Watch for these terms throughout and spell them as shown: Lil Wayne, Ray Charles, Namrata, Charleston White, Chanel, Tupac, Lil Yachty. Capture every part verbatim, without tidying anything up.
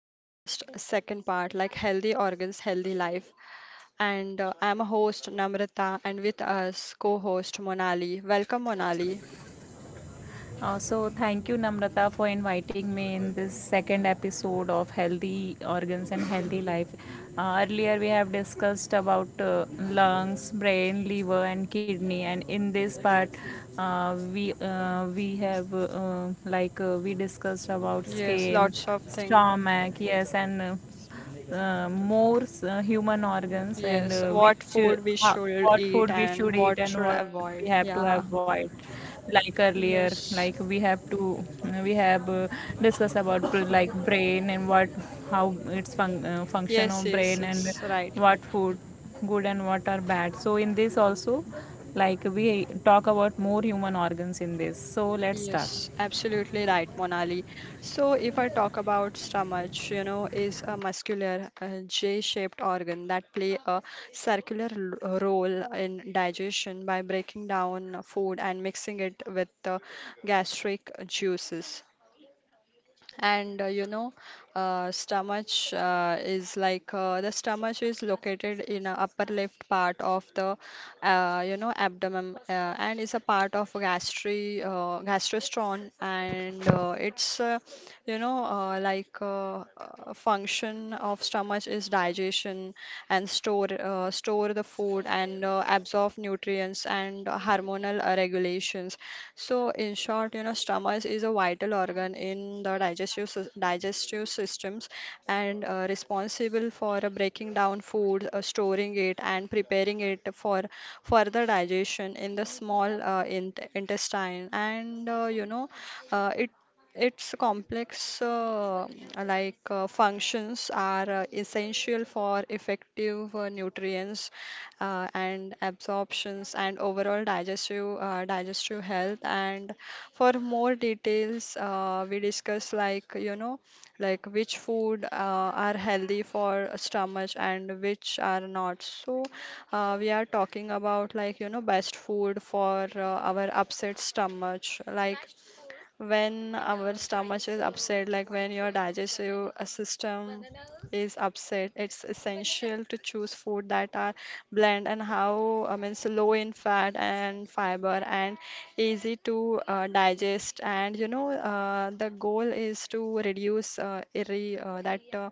podcast second part like healthy organs healthy life and uh, I'm a host Namrata, and with us co-host Monali. Welcome, Monali. Uh, so thank you Namrata for inviting me in this second episode of Healthy Organs and Healthy Life. Uh, earlier we have discussed about uh, lungs, brain, liver, and kidney, and in this part uh, we uh, we have uh, uh, like uh, we discussed about Yes, skin, lots of things. stomach, yes, and uh, uh, more uh, human organs and Yes, uh, what which uh, food we ho- should what eat food we and should eat what and should what we have avoid. to Yeah. avoid. Like earlier Yes. like we have to we have uh, discussed about br- like brain and what how its fun- uh, function Yes, of yes, brain and yes, right. what food good and what are bad. So in this also, like, we talk about more human organs in this, so let's start. Yes, absolutely right, Monali. So, if I talk about stomach, you know, is a muscular uh, J-shaped organ that play a circular l- role in digestion by breaking down food and mixing it with the gastric juices, and uh, you know uh, stomach uh, is like uh, the stomach is located in a upper left part of the uh, you know abdomen, uh, and is a part of gastri uh, gastrostron, and uh, it's uh, you know uh, like uh, uh, function of stomach is digestion and store uh, store the food, and uh, absorb nutrients, and hormonal uh, regulations. So, in short, you know, stomach is a vital organ in the digestive sys- digestive systems, and uh, responsible for uh, breaking down food, uh, storing it, and preparing it for further digestion in the small uh, in- intestine. And uh, you know, uh, it its complex uh, like uh, functions are uh, essential for effective uh, nutrients uh, and absorptions and overall digestive uh, digestive health. And for more details, uh, we discuss like you know like which food uh, are healthy for stomach and which are not. So uh, we are talking about like you know best food for uh, our upset stomach, like when our stomach is upset, like when your digestive uh, system is upset, it's essential to choose food that are bland and how I mean so low in fat and fiber and easy to uh, digest. And you know, uh, the goal is to reduce uh, irri uh, that uh,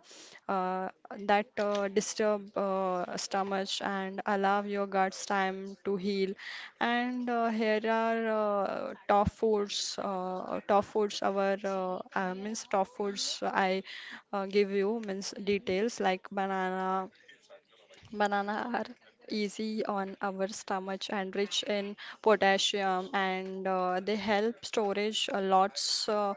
uh, that uh, disturb uh, stomach and allow your guts time to heal, and uh, here are uh, top foods, uh, top foods, our uh, uh, means top foods. I uh, give you means details like banana. Banana are easy on our stomach and rich in potassium, and uh, they help storage uh, lots, uh,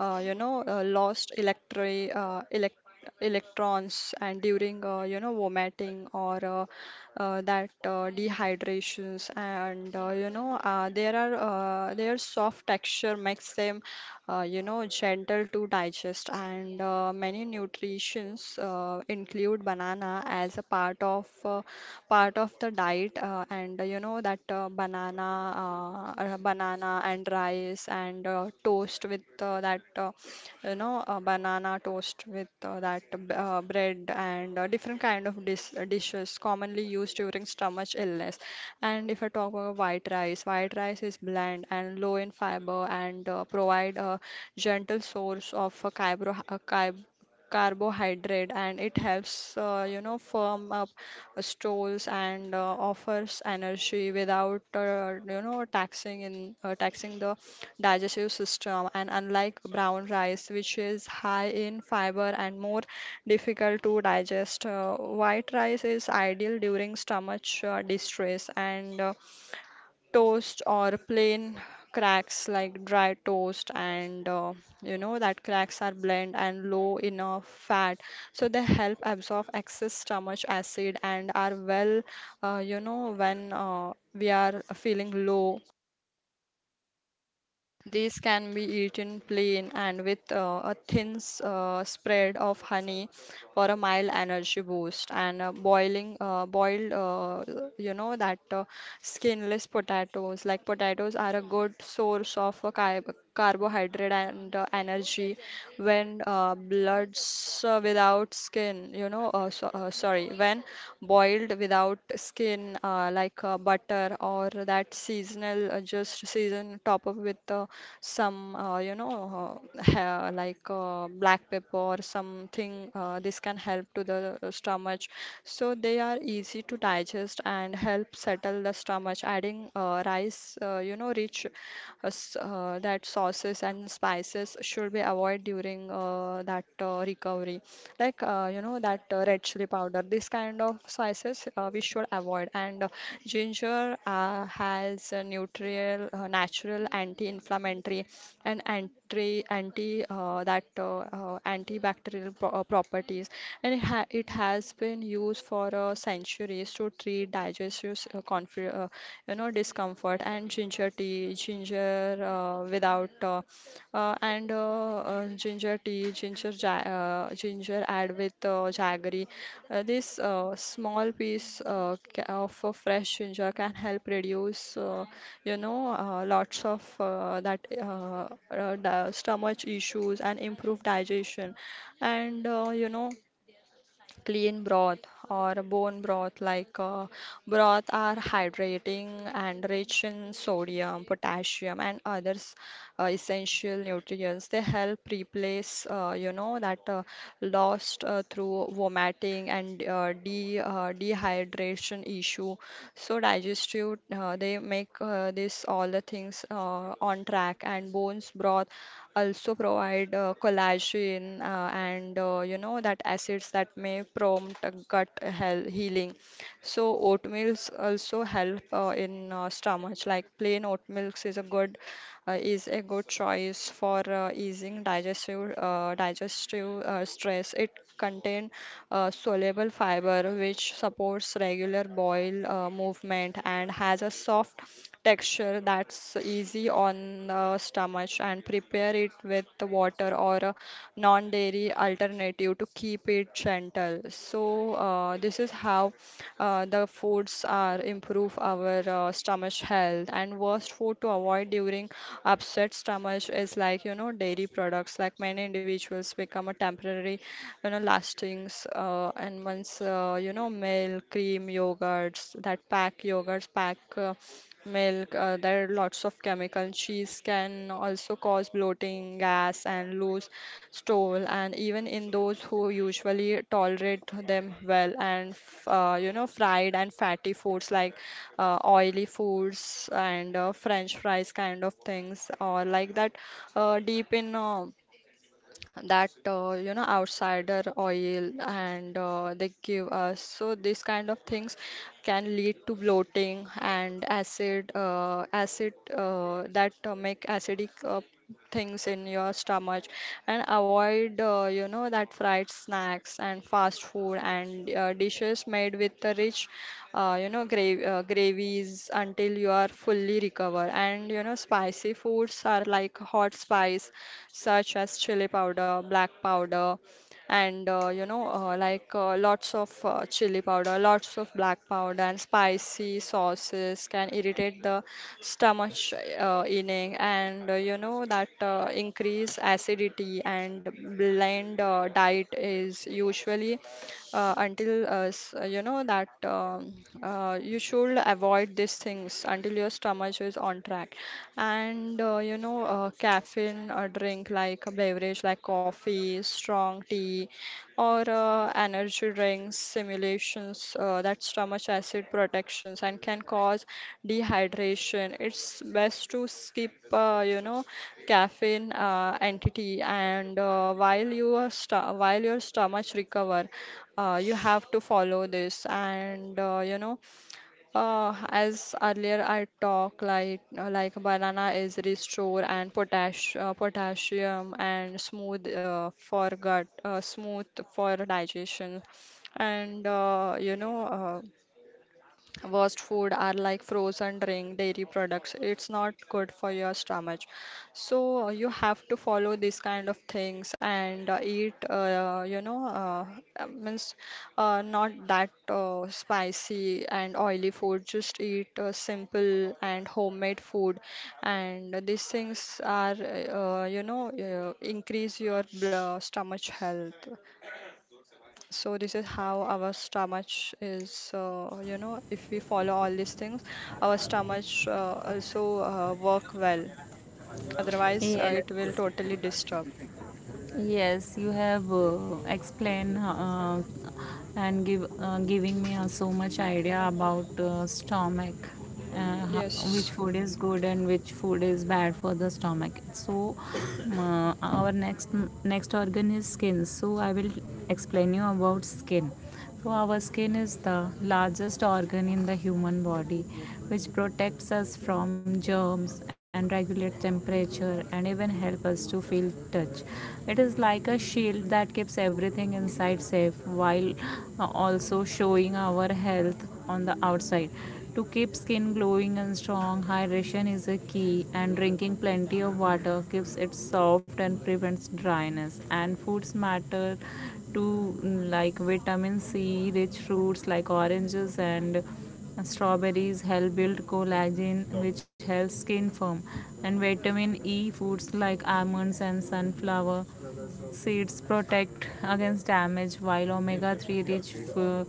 uh, you know, uh, lost electri uh, elect electrons and during uh, you know vomiting or uh, uh, that uh, dehydrations, and uh, you know uh, there are uh, their soft texture makes them uh, you know gentle to digest, and uh, many nutritions uh, include banana as a part of uh, part of the diet, uh, and uh, you know that uh, banana uh, uh, banana banana and rice, and uh, toast with uh, that uh, you know uh, banana toast with uh, that b- uh, bread, and uh, different kind of dis uh, dishes commonly used during stomach illness. And if I talk about white rice, white rice is bland and low in fiber, and uh, provide a gentle source of uh, carbo carbohydrate, and it helps uh, you know firm up stools, and uh, offers energy without uh, you know taxing in uh, taxing the digestive system, and unlike brown rice, which is high in fiber and more difficult to digest, uh, white rice is ideal during stomach uh, distress. And uh, toast or plain cracks, like dry toast, and uh, you know that cracks are bland and low in uh, fat, so they help absorb excess stomach acid and are well. Uh, you know when uh, we are feeling low, these can be eaten plain and with uh, a thin s- uh, spread of honey for a mild energy boost. And uh, boiling, uh, boiled, uh, you know, that uh, skinless potatoes, like potatoes, are a good source of uh, car- carbohydrate and uh, energy when uh, bloods uh, without skin, you know, uh, so, uh, sorry, when boiled without skin, uh, like uh, butter or that seasonal, uh, just season top up with. Uh, some uh, you know uh, ha- like uh, Black pepper something, uh, this can help to the uh, stomach, so they are easy to digest and help settle the stomach. Adding uh, rice, uh, you know rich uh, s- uh, that sauces and spices should be avoided during uh, that uh, recovery, like uh, you know that uh, red chili powder, this kind of spices uh, we should avoid. And uh, ginger uh, has a neutral, uh, natural anti-inflammatory and anti anti uh, that uh, uh, antibacterial pro- uh, properties, and it, ha- it has been used for uh, centuries to treat digestive s- uh, conf- uh, you know discomfort, and ginger tea, ginger uh, without uh, uh, and uh, uh, ginger tea, ginger ja- uh, ginger add with uh, jaggery. Uh, this uh, small piece uh, ca- of uh, fresh ginger can help reduce uh, you know, uh, lots of uh, that uh, uh, di- stomach issues and improved digestion, and uh, you know, clean broth or bone broth, like uh, broth are hydrating and rich in sodium, potassium, and others uh, essential nutrients. They help replace, uh, you know, that uh, lost uh, through vomiting and uh, uh, de uh, dehydration issue. So digestive, uh, they make uh, this all the things uh, on track, and bones broth also provide uh, collagen, uh, and uh, you know that acids that may prompt a gut health healing. So oatmeals also help uh, in uh, stomach. Like plain oatmeal is a good, uh, is a good choice for uh, easing digestive uh, digestive uh, stress. It contains uh, soluble fiber, which supports regular bowel uh, movement and has a soft texture that's easy on the stomach, and prepare it with the water or a non-dairy alternative to keep it bit gentle. So uh, this is how uh, the foods are improve our uh, stomach health. And worst food to avoid during upset stomach is like you know dairy products. Like many individuals become a temporary, you know, lastings, uh, and once uh, you know milk, cream, yogurts, that pack yogurts pack. Uh, milk, uh, there are lots of chemical cheese, can also cause bloating, gas, and loose stole, and even in those who usually tolerate them well. And f- uh, you know, fried and fatty foods, like uh, oily foods and uh, French fries kind of things, or like that uh, deep in. Uh, that uh, you know Outsider oil, and uh, they give us, so these kind of things can lead to bloating and acid uh, acid uh, that uh, make acidic uh, things in your stomach, and avoid avoid, uh, you know, that fried snacks and fast food, and uh, dishes made with the rich, uh, you know, gra uh, gravies, until you are fully recovered. And, you know, spicy foods are like hot spice, such as chili powder, black powder, and uh, you know uh, like uh, lots of uh, chili powder, lots of black powder, and spicy sauces can irritate the stomach uh, lining, and uh, you know that uh, increase acidity, and blend uh, diet is usually uh, until uh, s- uh, you know that um, uh, you should avoid these things until your stomach is on track, and uh, you know uh, caffeine uh, drink like a beverage, like coffee, strong tea, or uh, energy drinks simulations uh, that stomach acid protections, and can cause dehydration. It's best to skip uh, you know caffeine uh, entity, and uh, while your sto- while your stomach recover. Uh, you have to follow this, and uh, you know uh, as earlier I talk, like uh, like banana is restore, and potash uh, potassium, and smooth, uh, for gut, uh, smooth for digestion, and uh, you know uh, worst food are like frozen drink, dairy products. It's not good for your stomach. So you have to follow these kind of things and uh, eat, uh, you know, uh, uh, means uh, not that uh, spicy and oily food. Just eat uh, simple and homemade food. And these things are, uh, you know, uh, increase your bl- stomach health. So this is how our stomach is, uh, you know, if we follow all these things, our stomach uh, also uh, work well. Otherwise, uh, Yes. it will totally disturb. Yes, you have uh, explained uh, and give uh, giving me uh, so much idea about uh, stomach, uh, ho- which Yes, food is good and which food is bad for the stomach. So uh, our next next organ is skin. So I will explain you about skin. So our skin is the largest organ in the human body, which protects us from germs and regulates temperature and even helps us to feel touch. It is like a shield that keeps everything inside safe, while uh, also showing our health on the outside. To keep skin glowing and strong, hydration is a key, and drinking plenty of water keeps it soft and prevents dryness. And foods matter too, like vitamin C rich fruits like oranges and strawberries help build collagen, which helps skin firm, and vitamin e foods like almonds and sunflower seeds protect against damage, while omega three rich f-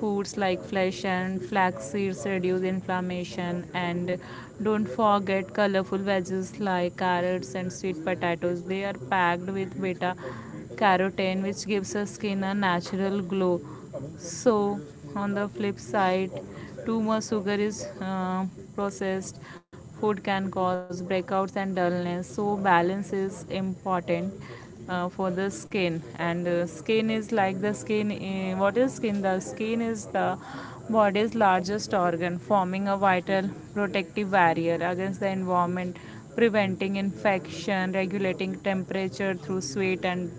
foods like flesh and flax seeds reduce inflammation. And don't forget colorful veggies like carrots and sweet potatoes; they are packed with beta carotene, which gives our skin a natural glow. So, on the flip side, too much sugar is uh, processed food can cause breakouts and dullness, so balance is important uh, for the skin. And uh, skin is like the skin uh, what is skin the skin is the body's largest organ, forming a vital protective barrier against the environment, preventing infection, regulating temperature through sweat and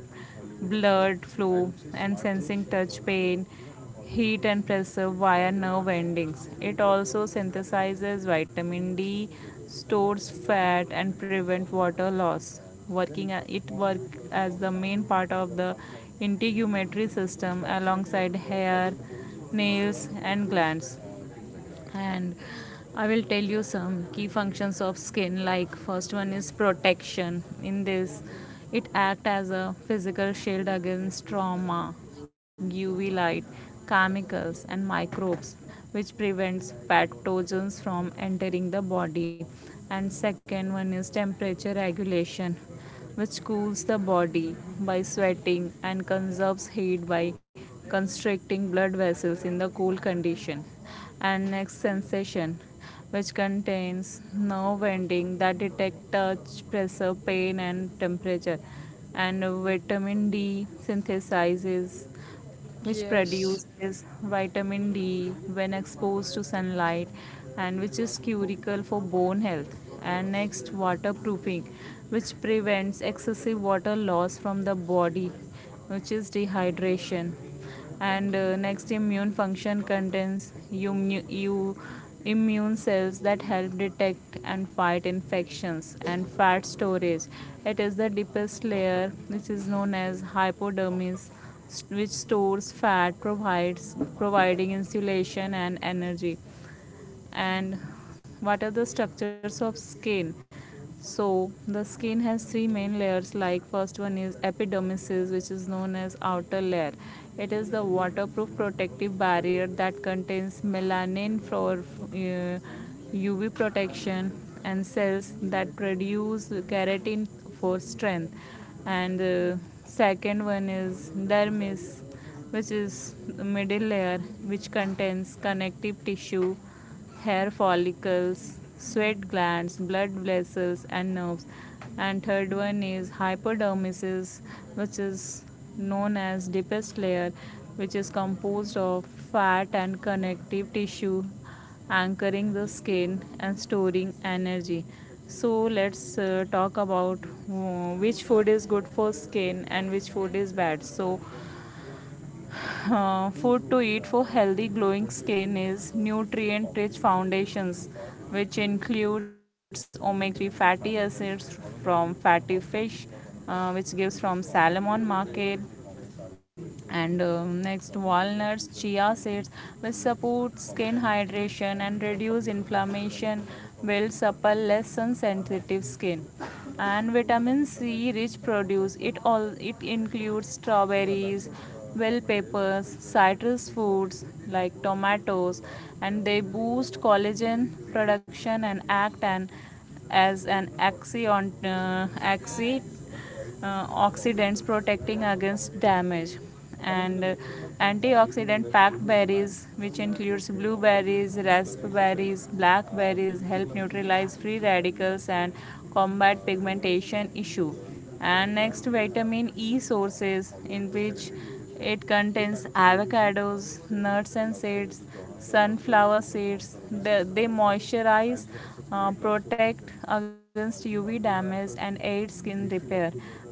blood flow, and sensing touch, pain, heat, and pressure via nerve endings. It also synthesizes vitamin D, stores fat, and prevent water loss. Working, it works as the main part of the integumentary system alongside hair, nails, and glands. And I will tell you some key functions of skin. Like, first one is protection. In this, it acts as a physical shield against trauma, uv light, chemicals, and microbes, which prevents pathogens from entering the body. And second one is temperature regulation, which cools the body by sweating and conserves heat by constricting blood vessels in the cold condition. And next, sensation, which contains nerve ending that detect touch, pressure, pain, and temperature. And vitamin D synthesizes, which yes, produces vitamin D when exposed to sunlight, and which is curical for bone health. And next, waterproofing, which prevents excessive water loss from the body, which is dehydration. And uh, next, immune function, contains immu- you immune cells that help detect and fight infections. And fat storage, it is the deepest layer, which is known as hypodermis, which stores fat, provides providing insulation and energy. And what are the structures of skin? So the skin has three main layers. Like, first one is epidermis, which is known as outer layer. It is the waterproof protective barrier that contains melanin for uh, uv protection, and cells that produce keratin for strength. And uh, second one is dermis, which is the middle layer, which contains connective tissue, hair follicles, sweat glands, blood vessels, and nerves. And third one is hypodermis, which is known as deepest layer, which is composed of fat and connective tissue, anchoring the skin and storing energy. So let's uh, talk about uh, which food is good for skin and which food is bad. So uh, food to eat for healthy glowing skin is nutrient rich foundations, which includes omega three fatty acids from fatty fish, uh, which gives from salmon market. And um, next, walnuts, chia seeds will support skin hydration and reduce inflammation, build supple less sun sensitive skin. And vitamin c rich produce, it all, it includes strawberries, bell peppers, citrus fruits like tomatoes, and they boost collagen production and act and as an uh, antioxidant, uh, oxidants, protecting against damage. And uh, antioxidant packed berries, which includes blueberries, raspberries, blackberries, help neutralize free radicals and combat pigmentation issue. And next, vitamin e sources, in which it contains avocados, nuts and seeds, sunflower seeds, they moisturize, uh, protect against U V damage and aid skin repair.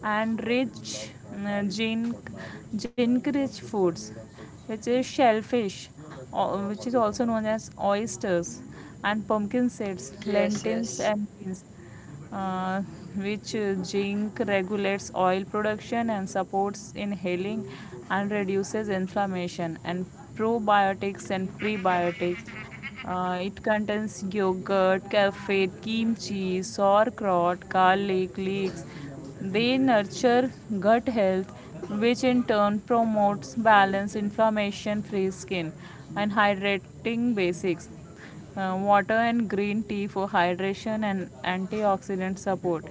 And rich uh, zinc, zinc-rich foods, which is shellfish, o- which is also known as oysters, and pumpkin seeds, yes, lentils, yes. and beans, uh, which uh, zinc regulates oil production and supports inhaling and reduces inflammation. And probiotics and prebiotics, uh, it contains yogurt, kaffir, kimchi, sauerkraut, garlic, leeks. They nurture gut health, which in turn promotes balance inflammation free skin. And hydrating basics, uh, water and green tea for hydration and antioxidant support.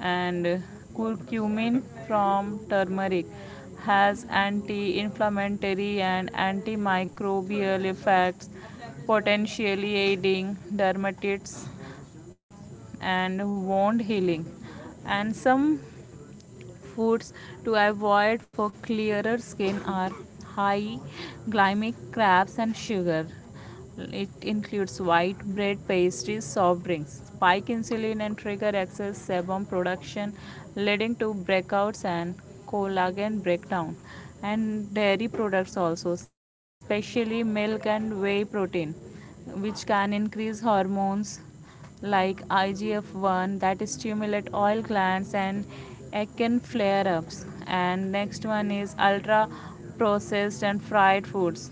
And uh, curcumin from turmeric has anti-inflammatory and antimicrobial effects, potentially aiding dermatitis and wound healing. And some foods to avoid for clearer skin are high glycemic crabs and sugar. It includes white bread, pastries, soft drinks. Spike insulin and trigger excess sebum production, leading to breakouts and collagen breakdown. And dairy products also, especially milk and whey protein, which can increase hormones like I G F one that stimulate oil glands and acne flare-ups. And next one is ultra processed and fried foods,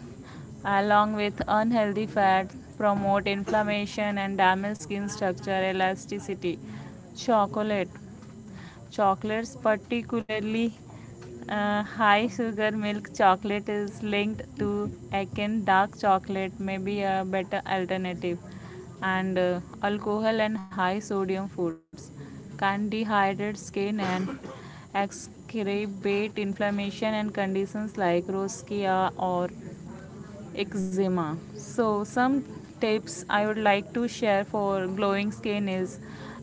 along with unhealthy fat, promote inflammation and damage skin structure elasticity. chocolate Chocolates, particularly uh, high sugar milk chocolate, is linked to akin dark chocolate, may be a better alternative. And uh, alcohol and high sodium foods can dehydrate skin and exacerbate inflammation and conditions like rosacea or eczema. So some tips I would like to share for glowing skin is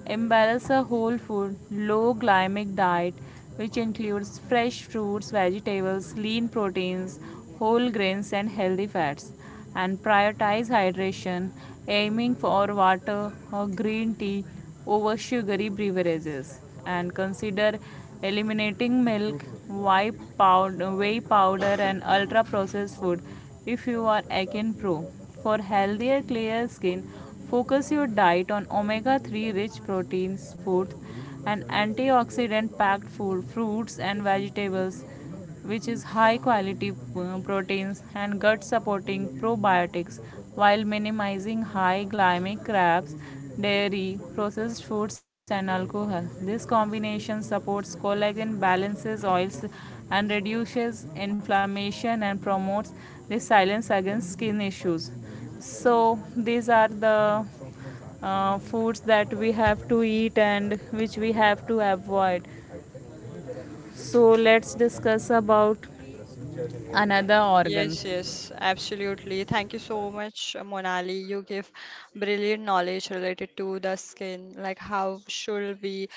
embrace a whole food, low glycemic diet, which includes fresh fruits, vegetables, lean proteins, whole grains, and healthy fats, and prioritize hydration, aiming for water or green tea over sugary beverages, and consider eliminating milk, whey powder, whey powder, and ultra processed food if you are acne-prone. For healthier clear skin, focus your diet on omega three rich proteins, foods, and antioxidant-packed food, fruits and vegetables, which is high quality uh, proteins and gut supporting probiotics, while minimizing high glycemic carbs, dairy processed foods, and alcohol. This combination supports collagen, balances oils, and reduces inflammation, and promotes resilience against skin issues. So these are the uh, foods that we have to eat and which we have to avoid. So let's discuss about another organ. Yes, yes, absolutely. Thank you so much, uh, Monali. You give brilliant knowledge related to the skin, like how should we,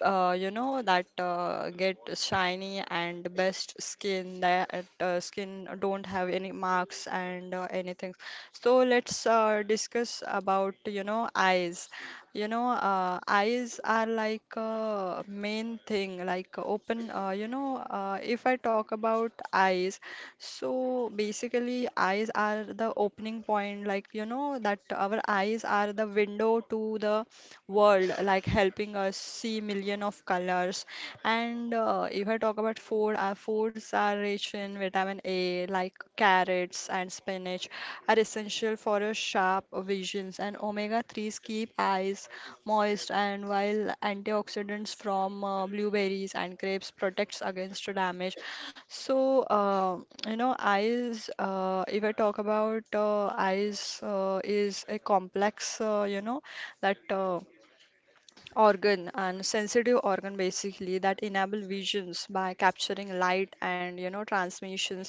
uh, you know, that uh, get shiny and best skin, that uh, skin don't have any marks and uh, anything. So let's uh, discuss about, you know, eyes. You know, uh, eyes are like a main thing, like uh, open. Uh, you know, uh, if I talk about eyes, so basically, eyes are the opening point, like, you know, that our eyes are the window to the world, like helping us see million of colors. And uh, if I talk about food, our foods are rich in vitamin A, like carrots and spinach, are essential for a sharp visions. And omega threes keep eyes moist, and while antioxidants from uh, blueberries and grapes protects against damage. So, uh, you know, eyes, uh, if I talk about uh, eyes, uh, is a complex, uh, you know, that. Uh, organ and sensitive organ basically that enable visions by capturing light, and you know transmissions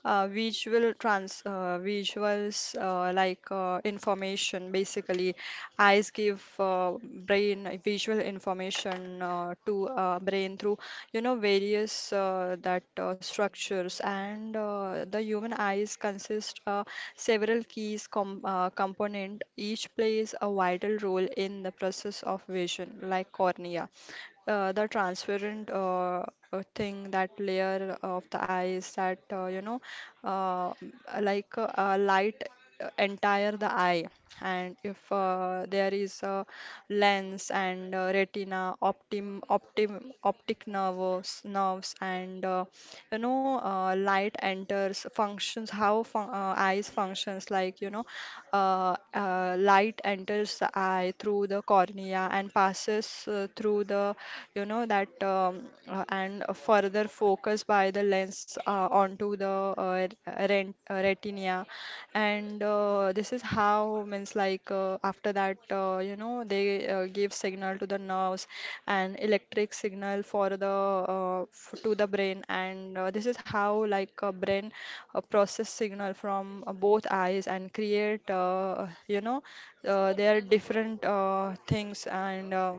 uh, visual trans uh, visuals, uh, like uh, information. Basically eyes give uh, brain visual information uh, to uh, brain through you know various uh, that uh, structures. And uh, The human eyes consist uh, several keys com- uh, component, each plays a vital role in the process of vision, like cornea, uh, the transparent uh, uh, thing, that layer of the eyes that uh, you know uh, m- like uh, a light uh, entire the eye. And if uh, There is a lens and uh, retina, optim optim optic nerves nerves and uh, you know uh, light enters functions how fun- uh, eyes functions, like you know uh, uh, light enters the eye through the cornea and passes uh, through the, you know that um, uh, and further focused by the lens uh, onto the uh, rent, uh, retina. And uh, This is how, means like, uh, after that uh, you know they uh, give signal to the nerves, an electric signal, for the uh, f- to the brain. And uh, This is how like a brain uh, process signal from uh, both eyes and create, uh, you know uh, there are different uh, things, and uh,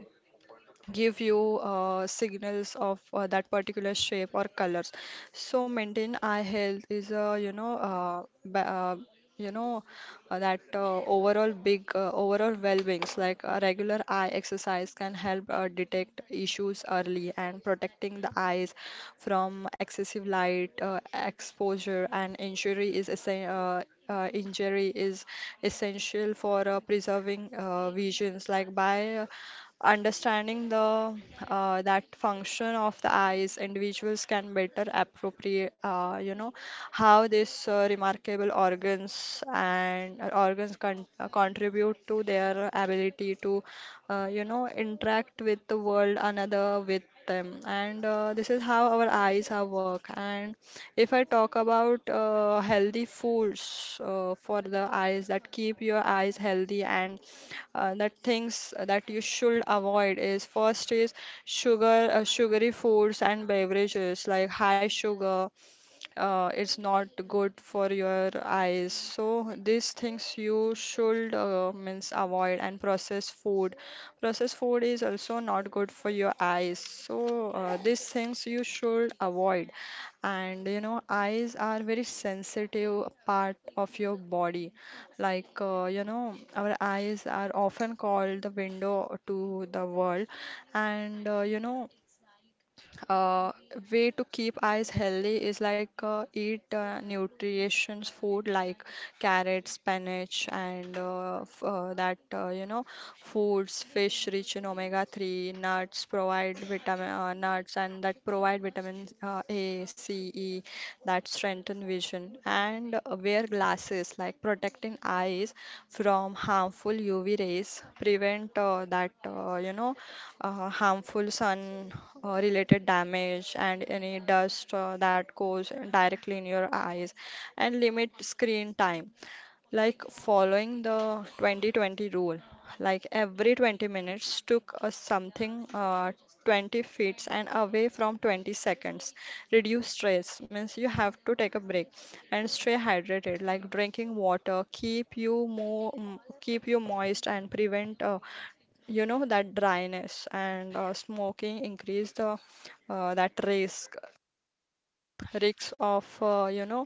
give you uh, signals of uh, that particular shape or colors. So maintain eye health is, a you know uh, ba- uh, you know uh, that uh, overall big, uh, overall well-beings. Like a regular eye exercise can help uh, detect issues early, and protecting the eyes from excessive light uh, exposure and injury is essen- uh, uh, injury is essential for uh, preserving uh, visions. Like by uh, Understanding the uh, that function of the eyes, individuals can better appropriate uh, you know, how this uh, remarkable organs, and uh, organs con uh, contribute to their ability to uh, you know, interact with the world, another with them. And uh, This is how our eyes are work. And if I talk about uh, healthy foods uh, for the eyes that keep your eyes healthy, and uh, that things that you should avoid: is first is sugar, uh, sugary foods and beverages, like high sugar. Uh, it's not good for your eyes, so these things you should uh, means avoid. And processed food — processed food is also not good for your eyes, so uh, these things you should avoid. And you know, eyes are very sensitive part of your body. Like, uh, you know, our eyes are often called the window to the world. And, uh, you know, uh, Way to keep eyes healthy is like uh, eat uh, nutritious food like carrots, spinach, and uh, f uh, that, uh, you know, foods, fish rich in omega three, nuts provide vitamin, uh, nuts and that provide vitamins uh, A, C, E that strengthen vision; and wear glasses like protecting eyes from harmful U V rays, prevent uh, that uh, you know uh, harmful sun uh, related damage and any dust uh, that goes directly in your eyes; and limit screen time like following the twenty twenty rule, like every twenty minutes took us something, uh, twenty feet and away from twenty seconds, reduce stress, means you have to take a break; and stay hydrated, like drinking water keep you more, keep you moist and prevent uh, you know that dryness. And uh, smoking increase the uh, that risk, risks of uh, you know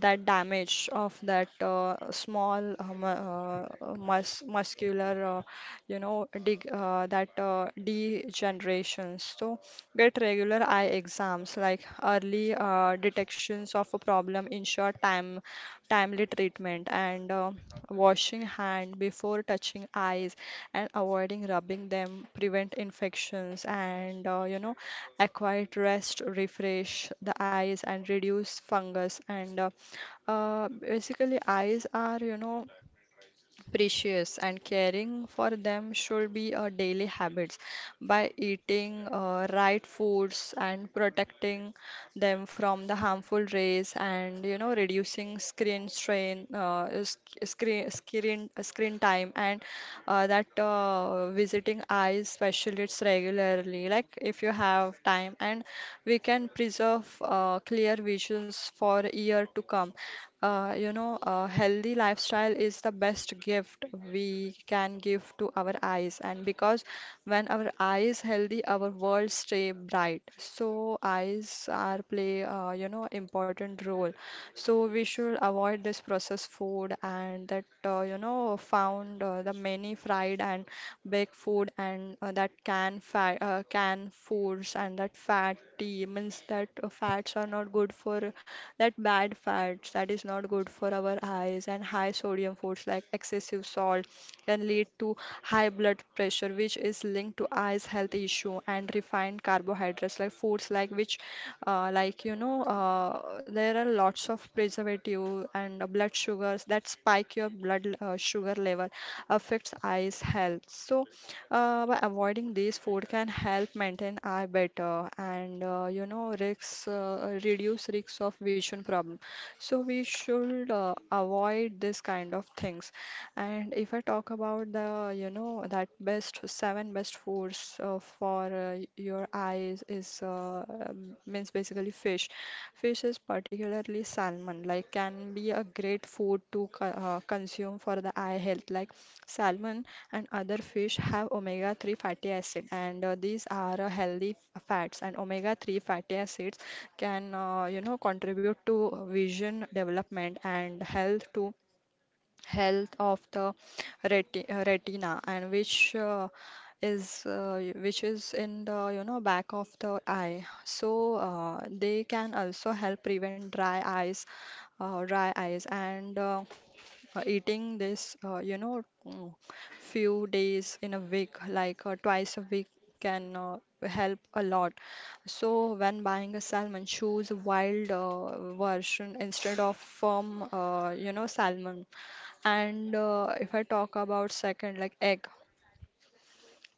that damage of that uh, small uh, mu- uh, mus muscular, uh, you know dig uh, that uh, degeneration. So get regular eye exams, like early uh, detections of a problem ensure time timely treatment, and uh, washing hand before touching eyes and avoiding rubbing them prevent infections. And uh, you know a quiet rest refresh the eyes and reduce fungus. And uh, uh, basically eyes are, you know, precious, and caring for them should be a daily habits, by eating uh, right foods, and protecting them from the harmful rays, and you know, reducing screen strain, uh, sc- screen screen screen time, and uh, that uh, visiting eye specialists regularly, like if you have time, and we can preserve uh, clear visions for year to come. Uh, you know a healthy lifestyle is the best gift we can give to our eyes. And because when our eye is healthy, our world stay bright. So eyes are play, uh, you know, important role. So we should avoid this processed food and that, uh, you know, found uh, the many fried and baked food, and uh, that can fat, uh, can foods, and that fatty means that uh, fats are not good for that bad fats, that is not good for our eyes. And high sodium foods like excessive salt can lead to high blood pressure, which is linked to eyes health issue. And refined carbohydrates, like foods like which, uh, like you know, uh, there are lots of preservative, and uh, blood sugars that spike your blood uh, sugar level, affects eyes health. So uh, by avoiding these food can help maintain eye better, and uh, you know risks, uh, reduce risks of vision problem. So we should uh, avoid this kind of things. And if I talk about the, you know, that best seven best foods uh, for uh, your eyes is, uh, um, means basically, fish. Fish is particularly salmon, like can be a great food to co- uh, consume for the eye health. Like salmon and other fish have omega three fatty acid, and uh, these are uh, healthy fats. And omega three fatty acids can, uh, you know, contribute to vision development and health too, health of the reti uh, retina, and which uh, is uh, y- which is in the, you know, back of the eye. So uh, they can also help prevent dry eyes uh, dry eyes. And uh, uh, Eating this, uh, you know, mm, few days in a week, like uh, twice a week, can uh, help a lot. So when buying a salmon, choose a wild uh, version instead of firm, uh, you know, salmon. And uh, if I talk about second, like egg.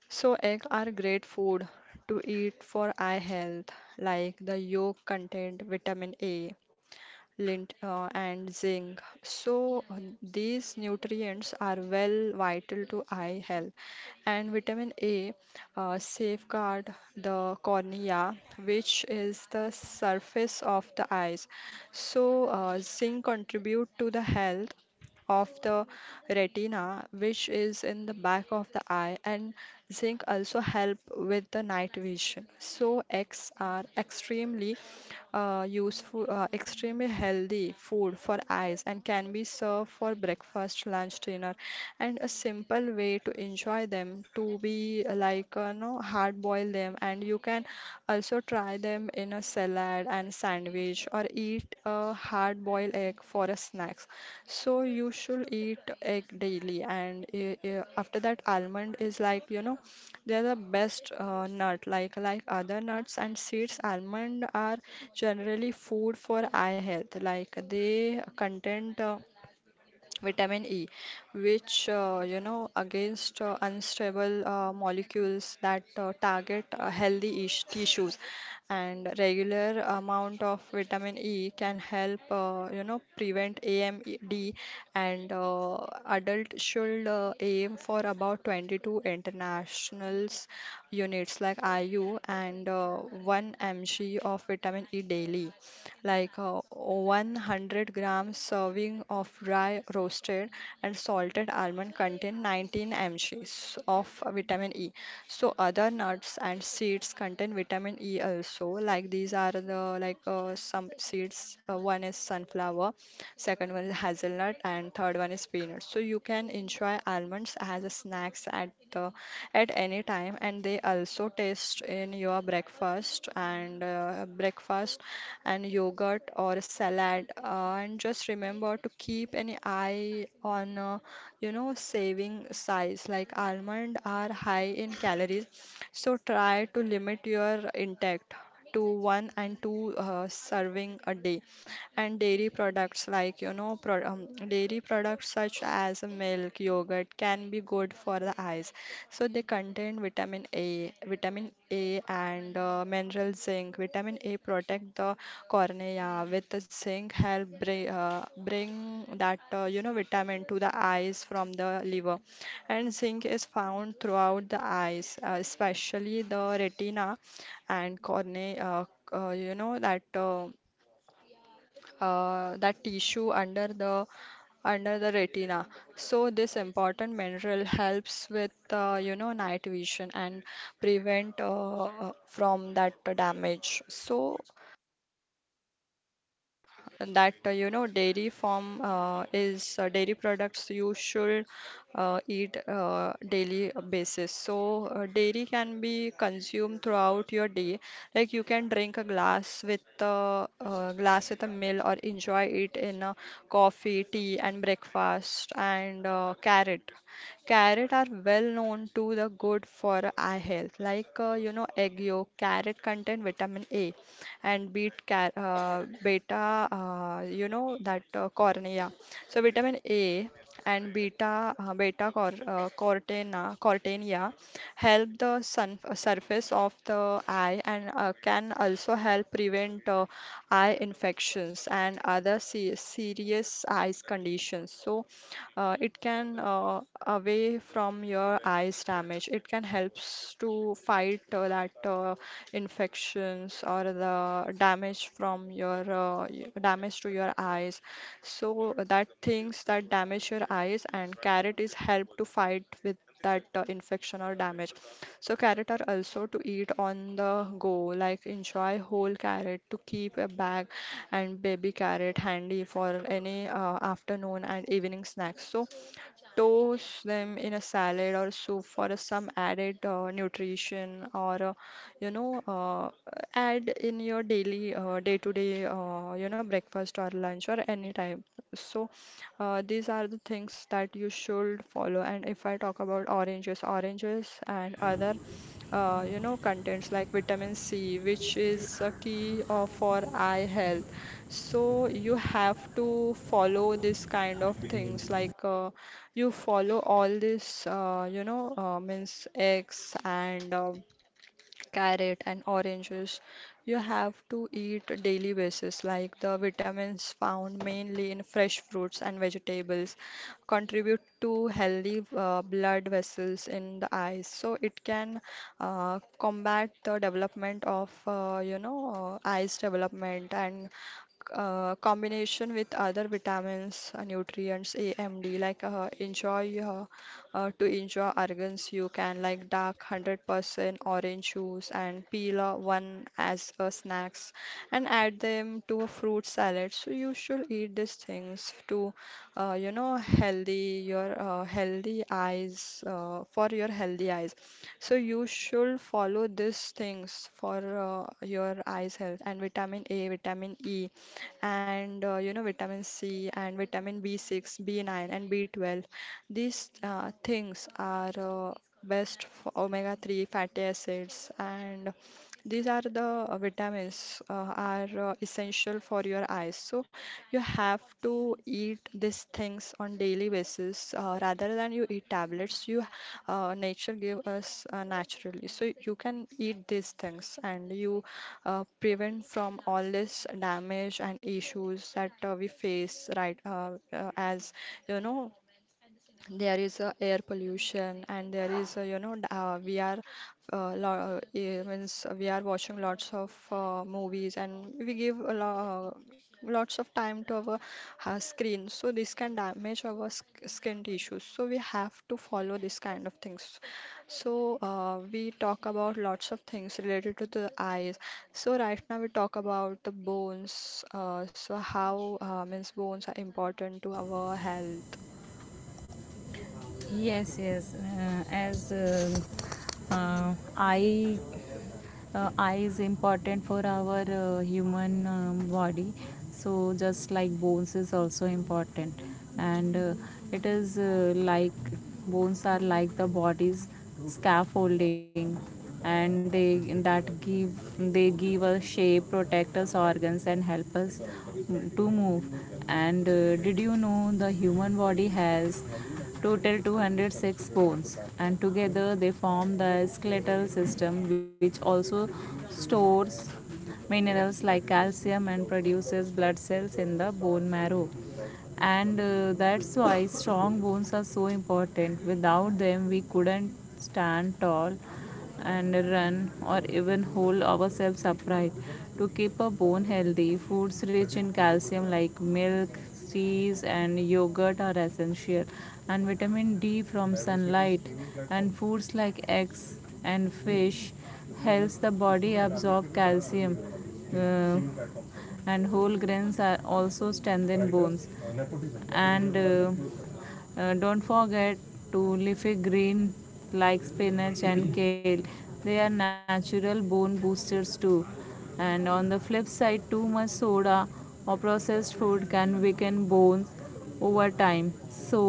So egg are great food to eat for eye health, like the yolk contain vitamin A, lint, uh, and zinc. So uh, these nutrients are well vital to eye health. And vitamin A uh, safeguard the cornea, which is the surface of the eyes. So uh, zinc contribute to the health of the retina, which is in the back of the eye, and zinc also help with the night vision. So eggs are extremely uh, useful, uh, extremely healthy food for eyes, and can be served for breakfast, lunch, dinner, and a simple simple way to enjoy them, to be uh, like, uh, no, hard boil them. And you can also try them in a salad and sandwich, or eat a hard boiled egg for a snacks. So you should eat egg daily. And uh, uh, after that, almond is, like, you know, they are the best uh, nut. Like like other nuts and seeds, almond are generally food for eye health, like they content uh, vitamin E, which uh, you know against uh, unstable uh, molecules that uh, target uh, healthy ish tissues. And regular amount of vitamin E can help uh, you know prevent A M D. And uh, adult should uh, aim for about twenty-two internationals units, like I U, and uh, one milligram of vitamin E daily. Like uh, one hundred gram serving of dry roasted and salted almond contain nineteen mgs of vitamin E. So other nuts and seeds contain vitamin E also. Like these are the, like, uh, some seeds. Uh, one is sunflower, second one is hazelnut, and third one is peanut. So you can enjoy almonds as a snacks at the at any time, and they also taste in your breakfast, and uh, breakfast and yogurt or salad, uh, and just remember to keep an eye on, uh, you know saving size, like almond are high in calories, so try to limit your intake to one and two uh, serving a day. And dairy products, like you know, pro um, dairy products such as milk, yogurt can be good for the eyes. So they contain vitamin A, vitamin A and uh, mineral zinc. Vitamin A protect the cornea, with the zinc help bring, uh, bring that, uh, you know vitamin to the eyes from the liver. And zinc is found throughout the eyes, uh, especially the retina and cornea. Uh, uh, you know that. Uh, uh, that tissue under the, under the retina. So this important mineral helps with, uh, you know night vision, and prevent uh, uh, from that damage. So that, uh, you know dairy form uh, is uh, dairy products, you should uh, eat uh, daily basis. So uh, dairy can be consumed throughout your day. Like you can drink a glass with a, uh glass with a meal or enjoy it in a coffee, tea, and breakfast. And uh, carrot, carrot are well known to the good for eye health. Like uh, you know egg yolk, carrot contain vitamin A and beat car uh, beta, uh, you know, that uh, cornea. So vitamin A and beta uh, beta cor uh, cortena cortenia help the sun uh, surface of the eye and uh, can also help prevent uh, eye infections and other se serious eyes conditions. So uh, it can uh, away from your eyes damage. It can helps to fight uh, that uh, infections or the damage from your uh, y- damage to your eyes. So that things that damage your eyes and carrot is help to fight with that uh, infection or damage. So carrot are also to eat on the go, like enjoy whole carrot to keep a bag and baby carrot handy for any uh, afternoon and evening snacks. So toast them in a salad or soup for a some added uh, nutrition or uh, you know uh, add in your daily uh, day-to-day uh, you know breakfast or lunch or any time. So uh, these are the things that you should follow. And if I talk about oranges, oranges and other uh, you know contents like vitamin C, which is a key uh, for eye health. So you have to follow this kind of things like uh, you follow all this, uh, you know, uh, means eggs and uh, carrot and oranges. You have to eat daily basis, like the vitamins found mainly in fresh fruits and vegetables contribute to healthy uh, blood vessels in the eyes. So it can uh, combat the development of, uh, you know, uh, eyes development and uh, combination with other vitamins uh, nutrients amd like uh, enjoy uh, uh, to enjoy organs you can like dark one hundred percent orange juice and peel uh, one as a snacks and add them to a fruit salad. So you should eat these things to uh, you know healthy your uh, healthy eyes uh, for your healthy eyes. So you should follow these things for uh, your eyes health, and vitamin A, vitamin E, and uh, you know vitamin C and vitamin B six, B nine, and B twelve. These uh, things are uh, best for omega three fatty acids, and these are the uh, vitamins uh, are uh, essential for your eyes. So you have to eat these things on daily basis uh, rather than you eat tablets. You uh, Nature give us uh, naturally, so you can eat these things, and you uh, prevent from all this damage and issues that uh, we face right uh, uh, as you know there is a air pollution, and there is a, you know d- uh, we are uh, lo- uh, eh, means we are watching lots of uh, movies, and we give a lo- uh, lots of time to our uh, screen, so this can damage our sk- skin tissues. So we have to follow this kind of things. So uh, we talk about lots of things related to the eyes. So right now we talk about the bones, uh, so how uh, means bones are important to our health. Yes, yes. Uh, as um uh, I uh, eye is important for our uh, human um, body, so just like bones is also important. And uh, it is uh, like, bones are like the body's scaffolding, and they that give they give us shape, protect us organs, and help us mm, to move. And uh, did you know the human body has total two hundred six bones, and together they form the skeletal system, which also stores minerals like calcium and produces blood cells in the bone marrow. And uh, that's why strong bones are so important. Without them, we couldn't stand tall and run or even hold ourselves upright. To keep a bone healthy, foods rich in calcium like milk, cheese, and yogurt are essential, and vitamin D from sunlight and foods like eggs and fish helps the body absorb calcium. uh, and whole grains are also strengthen bones. And uh, uh, don't forget to leafy green like spinach and kale; they are natural bone boosters too. And on the flip side, too much soda or processed food can weaken bones over time. So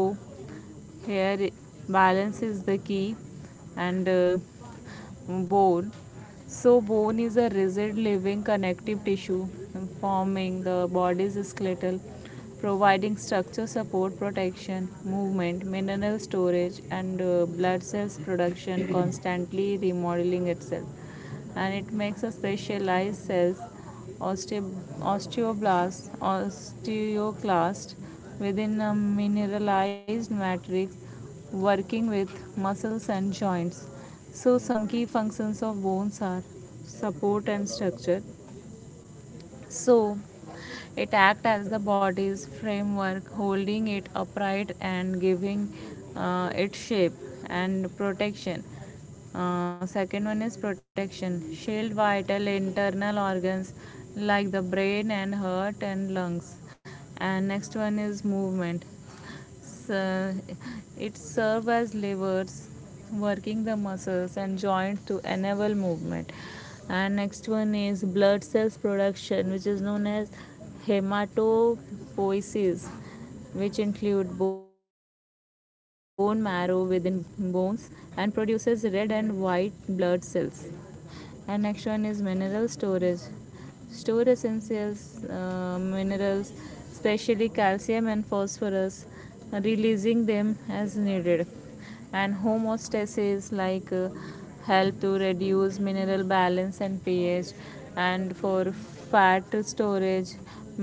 here balance is the key. And uh, bone so bone is a rigid living connective tissue forming the body's skeletal, providing structure, support, protection, movement, mineral storage, and uh, blood cells production, constantly remodeling itself. And it makes a specialized cells, oste- osteoblast, osteoclast, within a mineralized matrix, working with muscles and joints. So some key functions of bones are support and structure. So, it acts as the body's framework, holding it upright and giving uh, it shape and protection. Uh, second one is protection. Shield vital internal organs like the brain and heart and lungs. And next one is movement. So, it serves as levers, working the muscles and joints to enable movement. And next one is blood cells production, which is known as hematopoiesis, which include bone marrow within bones and produces red and white blood cells. And next one is mineral storage, store essentials uh, minerals, especially calcium and phosphorus, releasing them as needed. And homeostasis, like, uh, help to reduce mineral balance and ph. And for fat storage,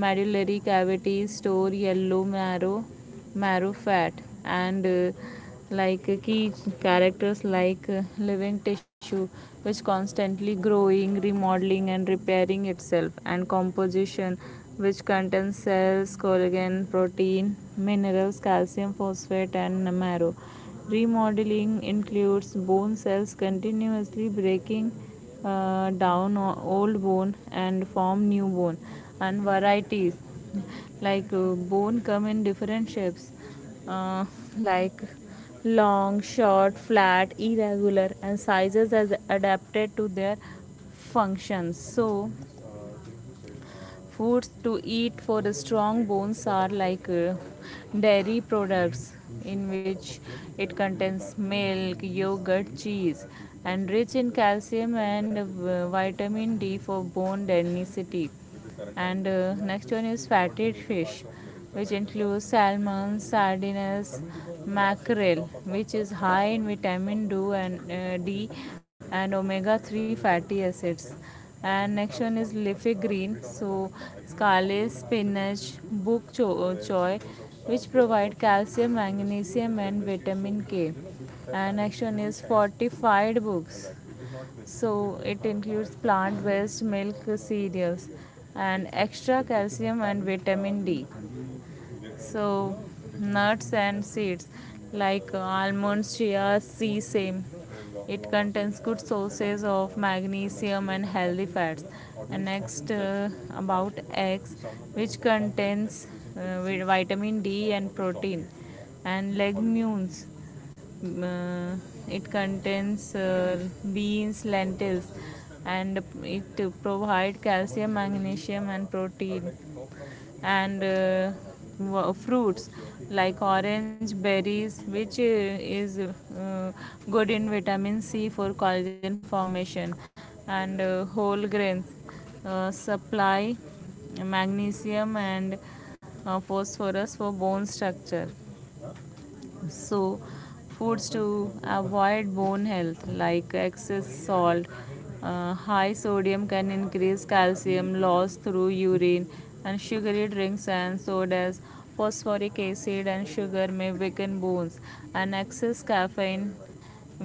medullary cavities store yellow marrow, marrow fat. And uh, like key characters like living tissue, which constantly growing, remodeling, and repairing itself. And composition, which contains cells, collagen protein, minerals, calcium phosphate, and marrow. Remodeling includes bone cells continuously breaking uh, down old bone and form new bone. And varieties, like uh, bone come in different shapes, uh, like long, short, flat, irregular, and sizes as adapted to their functions. So, foods to eat for the strong bones are like uh, dairy products, in which it contains milk, yogurt, cheese, and rich in calcium and uh, vitamin D for bone density. And uh, next one is fatty fish, which includes salmon, sardines, mackerel, which is high in vitamin d and uh, d and omega three fatty acids. And next one is leafy green, so scarlet spinach, book choy, which provide calcium, magnesium, and vitamin k. And next one is fortified books, so it includes plant based milk, cereals, and extra calcium and vitamin D. So, nuts and seeds like almonds, chia, sea same. It contains good sources of magnesium and healthy fats. And next uh, about eggs, which contains uh, vitamin D and protein, and legumes. mm, Uh, it contains uh, beans, lentils, and it provide calcium, magnesium, and protein. And uh, fruits like orange berries, which uh, is uh, good in vitamin c for collagen formation. And uh, whole grains uh, supply magnesium and uh, phosphorus for bone structure. So, foods to avoid bone health like excess salt, uh, high sodium can increase calcium loss through urine, and sugary drinks and sodas, phosphoric acid, and sugar may weaken bones, and excess caffeine,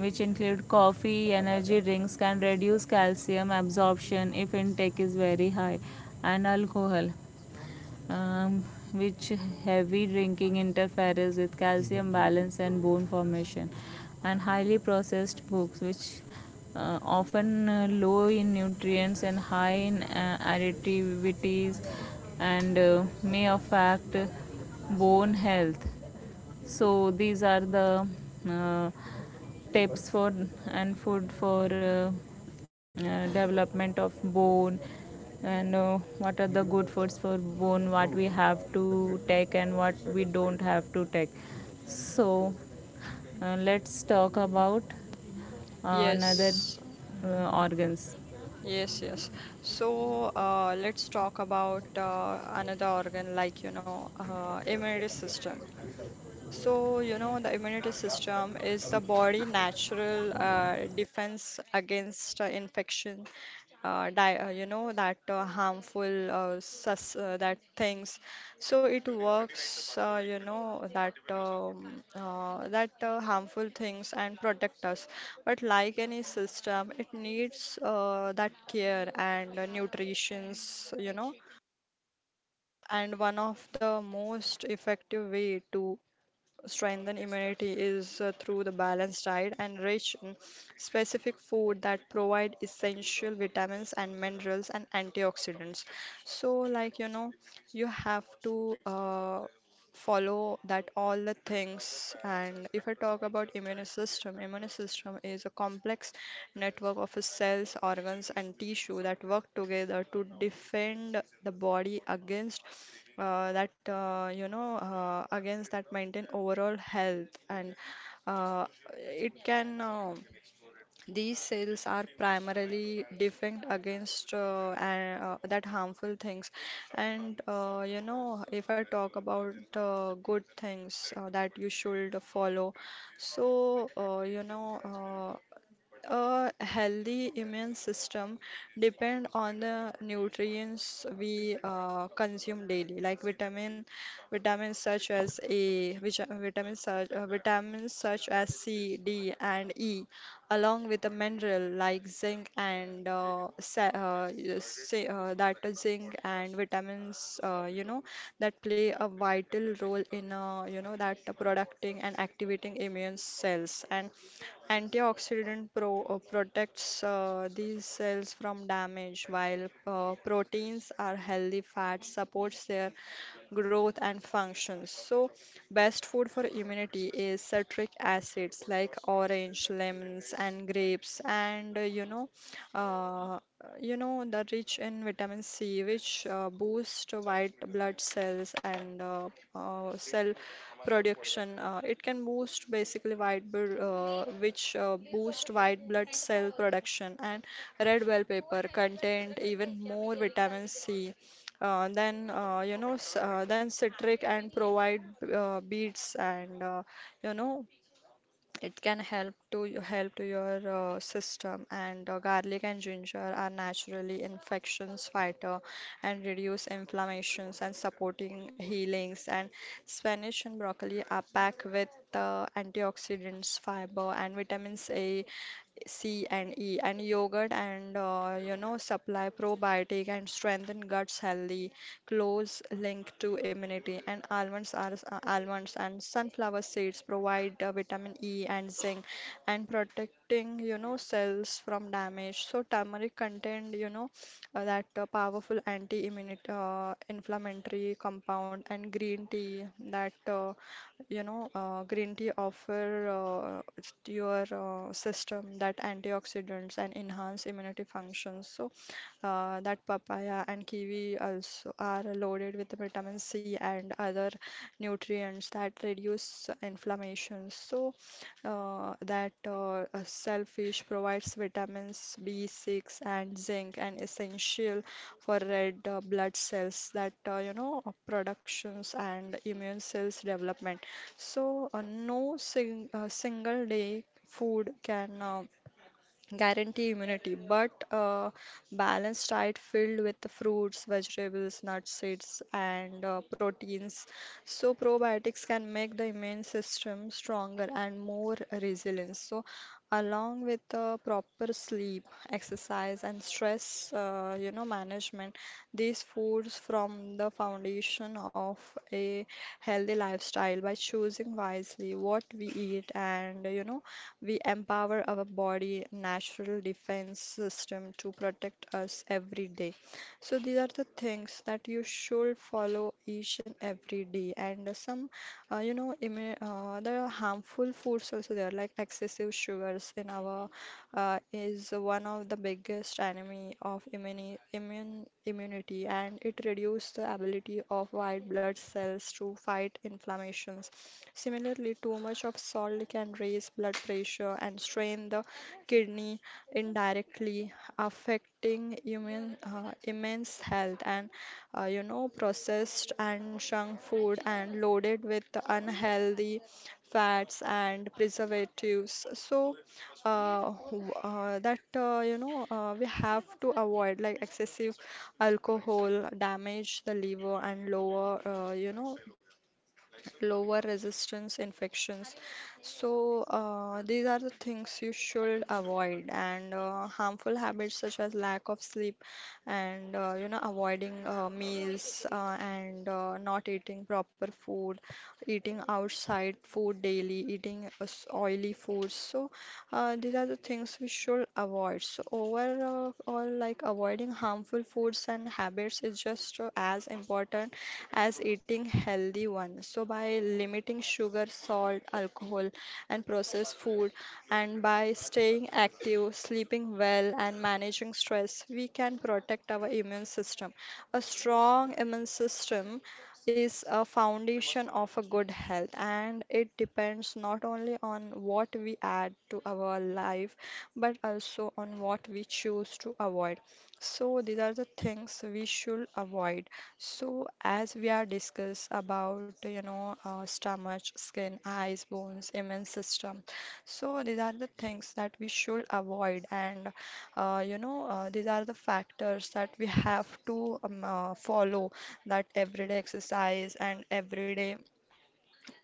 which include coffee, energy drinks, can reduce calcium absorption if intake is very high, and alcohol, um, which heavy drinking interferes with calcium balance and bone formation, and highly processed foods, which uh, often uh, low in nutrients and high in uh, additivities, and uh, may affect bone health. So these are the uh, tips for and food for uh, uh, development of bone. And uh, what are the good foods for bone, what we have to take and what we don't have to take. So uh, let's talk about uh, another Yes. uh, organs. Yes, yes. So uh, let's talk about uh, another organ like, you know, uh, immune system. So, you know, the immunity system is the body natural uh, defense against uh, infection, uh, di uh, you know, that uh, harmful uh, sus uh, that things. So it works, uh, you know, that um, uh, that uh, harmful things and protect us. But like any system, it needs uh, that care and uh, nutritions, you know. And one of the most effective way to strengthen immunity is uh, through the balanced diet and rich in specific food that provide essential vitamins and minerals and antioxidants. So like you know, you have to uh, follow that all the things. And if I talk about immune system, immune system is a complex network of cells, organs, and tissue that work together to defend the body against uh, that uh, you know uh, against that maintain overall health, and uh, it can uh, these cells are primarily defend against uh, and, uh, that harmful things. And uh, you know if I talk about uh, good things uh, that you should follow. So uh, you know uh, a healthy immune system depend on the nutrients we uh, consume daily, like vitamin, vitamins such as A, which, vitamins such uh, vitamins such as C, D, and E, along with the mineral like zinc and uh, sa- uh, y- say, uh, that is zinc and vitamins, uh, you know, that play a vital role in, uh, you know, that producting and activating immune cells. And antioxidant pro- uh, protects uh, these cells from damage, while uh, proteins are healthy fat supports their growth and functions. So best food for immunity is citric acids like orange, lemons, and grapes, and uh, you know, uh, you know, the rich in vitamin C, which uh, boost white blood cells and uh, uh, cell production. Uh, it can boost basically white blood, uh, which uh, boost white blood cell production, and red bell pepper content even more vitamin C uh, then uh, you know s- uh, then citric, and provide uh, beets, and uh, you know it can help to help to your uh, system. And uh, garlic and ginger are naturally infections fighter and reduce inflammations and supporting healings. And spanish and broccoli are packed with uh, antioxidants, fiber, and vitamins A, C, and E. And yogurt and uh, you know supply probiotic and strengthen guts healthy, close link to immunity. And almonds are uh, almonds and sunflower seeds provide uh, vitamin E and zinc, and protecting you know cells from damage. So turmeric contain you know uh, that uh, powerful anti-immunity uh, inflammatory compound. And green tea that uh, you know, uh, green tea offer uh, to your uh, system that antioxidants and enhance immunity functions. So uh, that papaya and kiwi also are loaded with vitamin C and other nutrients that reduce inflammation. So uh, that uh, uh, shellfish provides vitamins B six and zinc, and essential for red uh, blood cells that uh, you know uh, productions and immune cells development. So, uh, no sing, uh, single day food can uh, guarantee immunity, but a balanced diet filled with fruits, vegetables, nuts, seeds, and uh, proteins. So, probiotics can make the immune system stronger and more resilient. So, along with the proper sleep, exercise, and stress, uh, you know, management, these foods form the foundation of a healthy lifestyle. By choosing wisely what we eat and, you know, we empower our body natural defense system to protect us every day. So these are the things that you should follow each and every day. And some, uh, you know, immi- uh, there are harmful foods also there, like excessive sugars in our uh, is one of the biggest enemy of immuni immune immunity, and it reduces the ability of white blood cells to fight inflammations. Similarly, too much of salt can raise blood pressure and strain the kidney indirectly, affecting immune, uh, immense health. And uh, you know, processed and junk food and loaded with unhealthy fats and preservatives. So uh, w- uh, that uh, you know uh, we have to avoid like excessive alcohol damage the liver and lower uh, you know lower resistance infections. So, uh, these are the things you should avoid, and uh, harmful habits such as lack of sleep and uh, you know, avoiding uh, meals uh, and uh, not eating proper food, eating outside food daily, eating uh, s- oily foods. So, uh, these are the things we should avoid. So, overall, like avoiding harmful foods and habits is just uh, as important as eating healthy one. So by limiting sugar, salt, alcohol, and processed food, and by staying active, sleeping well, and managing stress, we can protect our immune system. A strong immune system is a foundation of a good health, and it depends not only on what we add to our life but also on what we choose to avoid. So these are the things we should avoid. So as we are discuss about you know uh, stomach, skin, eyes, bones, immune system. So these are the things that we should avoid, and uh, you know uh, these are the factors that we have to um, uh, follow. That everyday exercise and everyday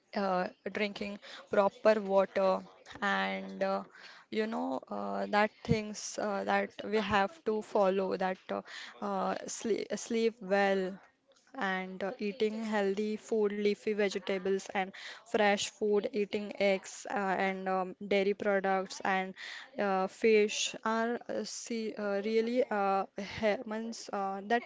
uh, drinking proper water, and uh, you know uh, that things uh, that we have to follow, that uh, uh, sleep, sleep well, and uh, eating healthy food, leafy vegetables and fresh food, eating eggs uh, and um, dairy products and uh, fish are uh, see, uh, really uh, he- means, uh, that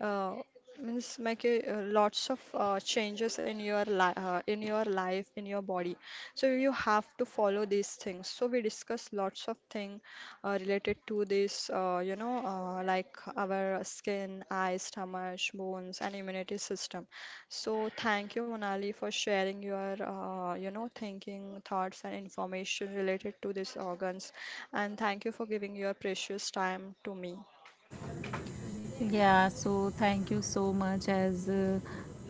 uh, means make a, uh, lots of uh, changes in your li uh, in your life in your body. So you have to follow these things. So we discuss lots of thing uh, related to this uh, you know uh, like our skin, eyes, stomach, bones, and immunity system. So thank you, Monali, for sharing your uh, you know thinking thoughts and information related to these organs, and thank you for giving your precious time to me. Yeah, so thank you so much as uh,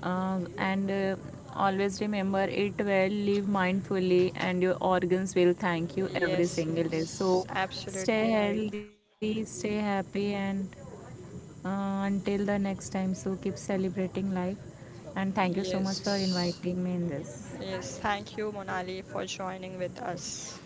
uh, and uh, always remember it well, live mindfully and your organs will thank you every Yes, single day. yes, So stay absolutely right. healthy, stay happy, and uh, until the next time, so keep celebrating life, and thank you so much for Yes. inviting me in this. Yes. Thank you, Monali, for joining with us.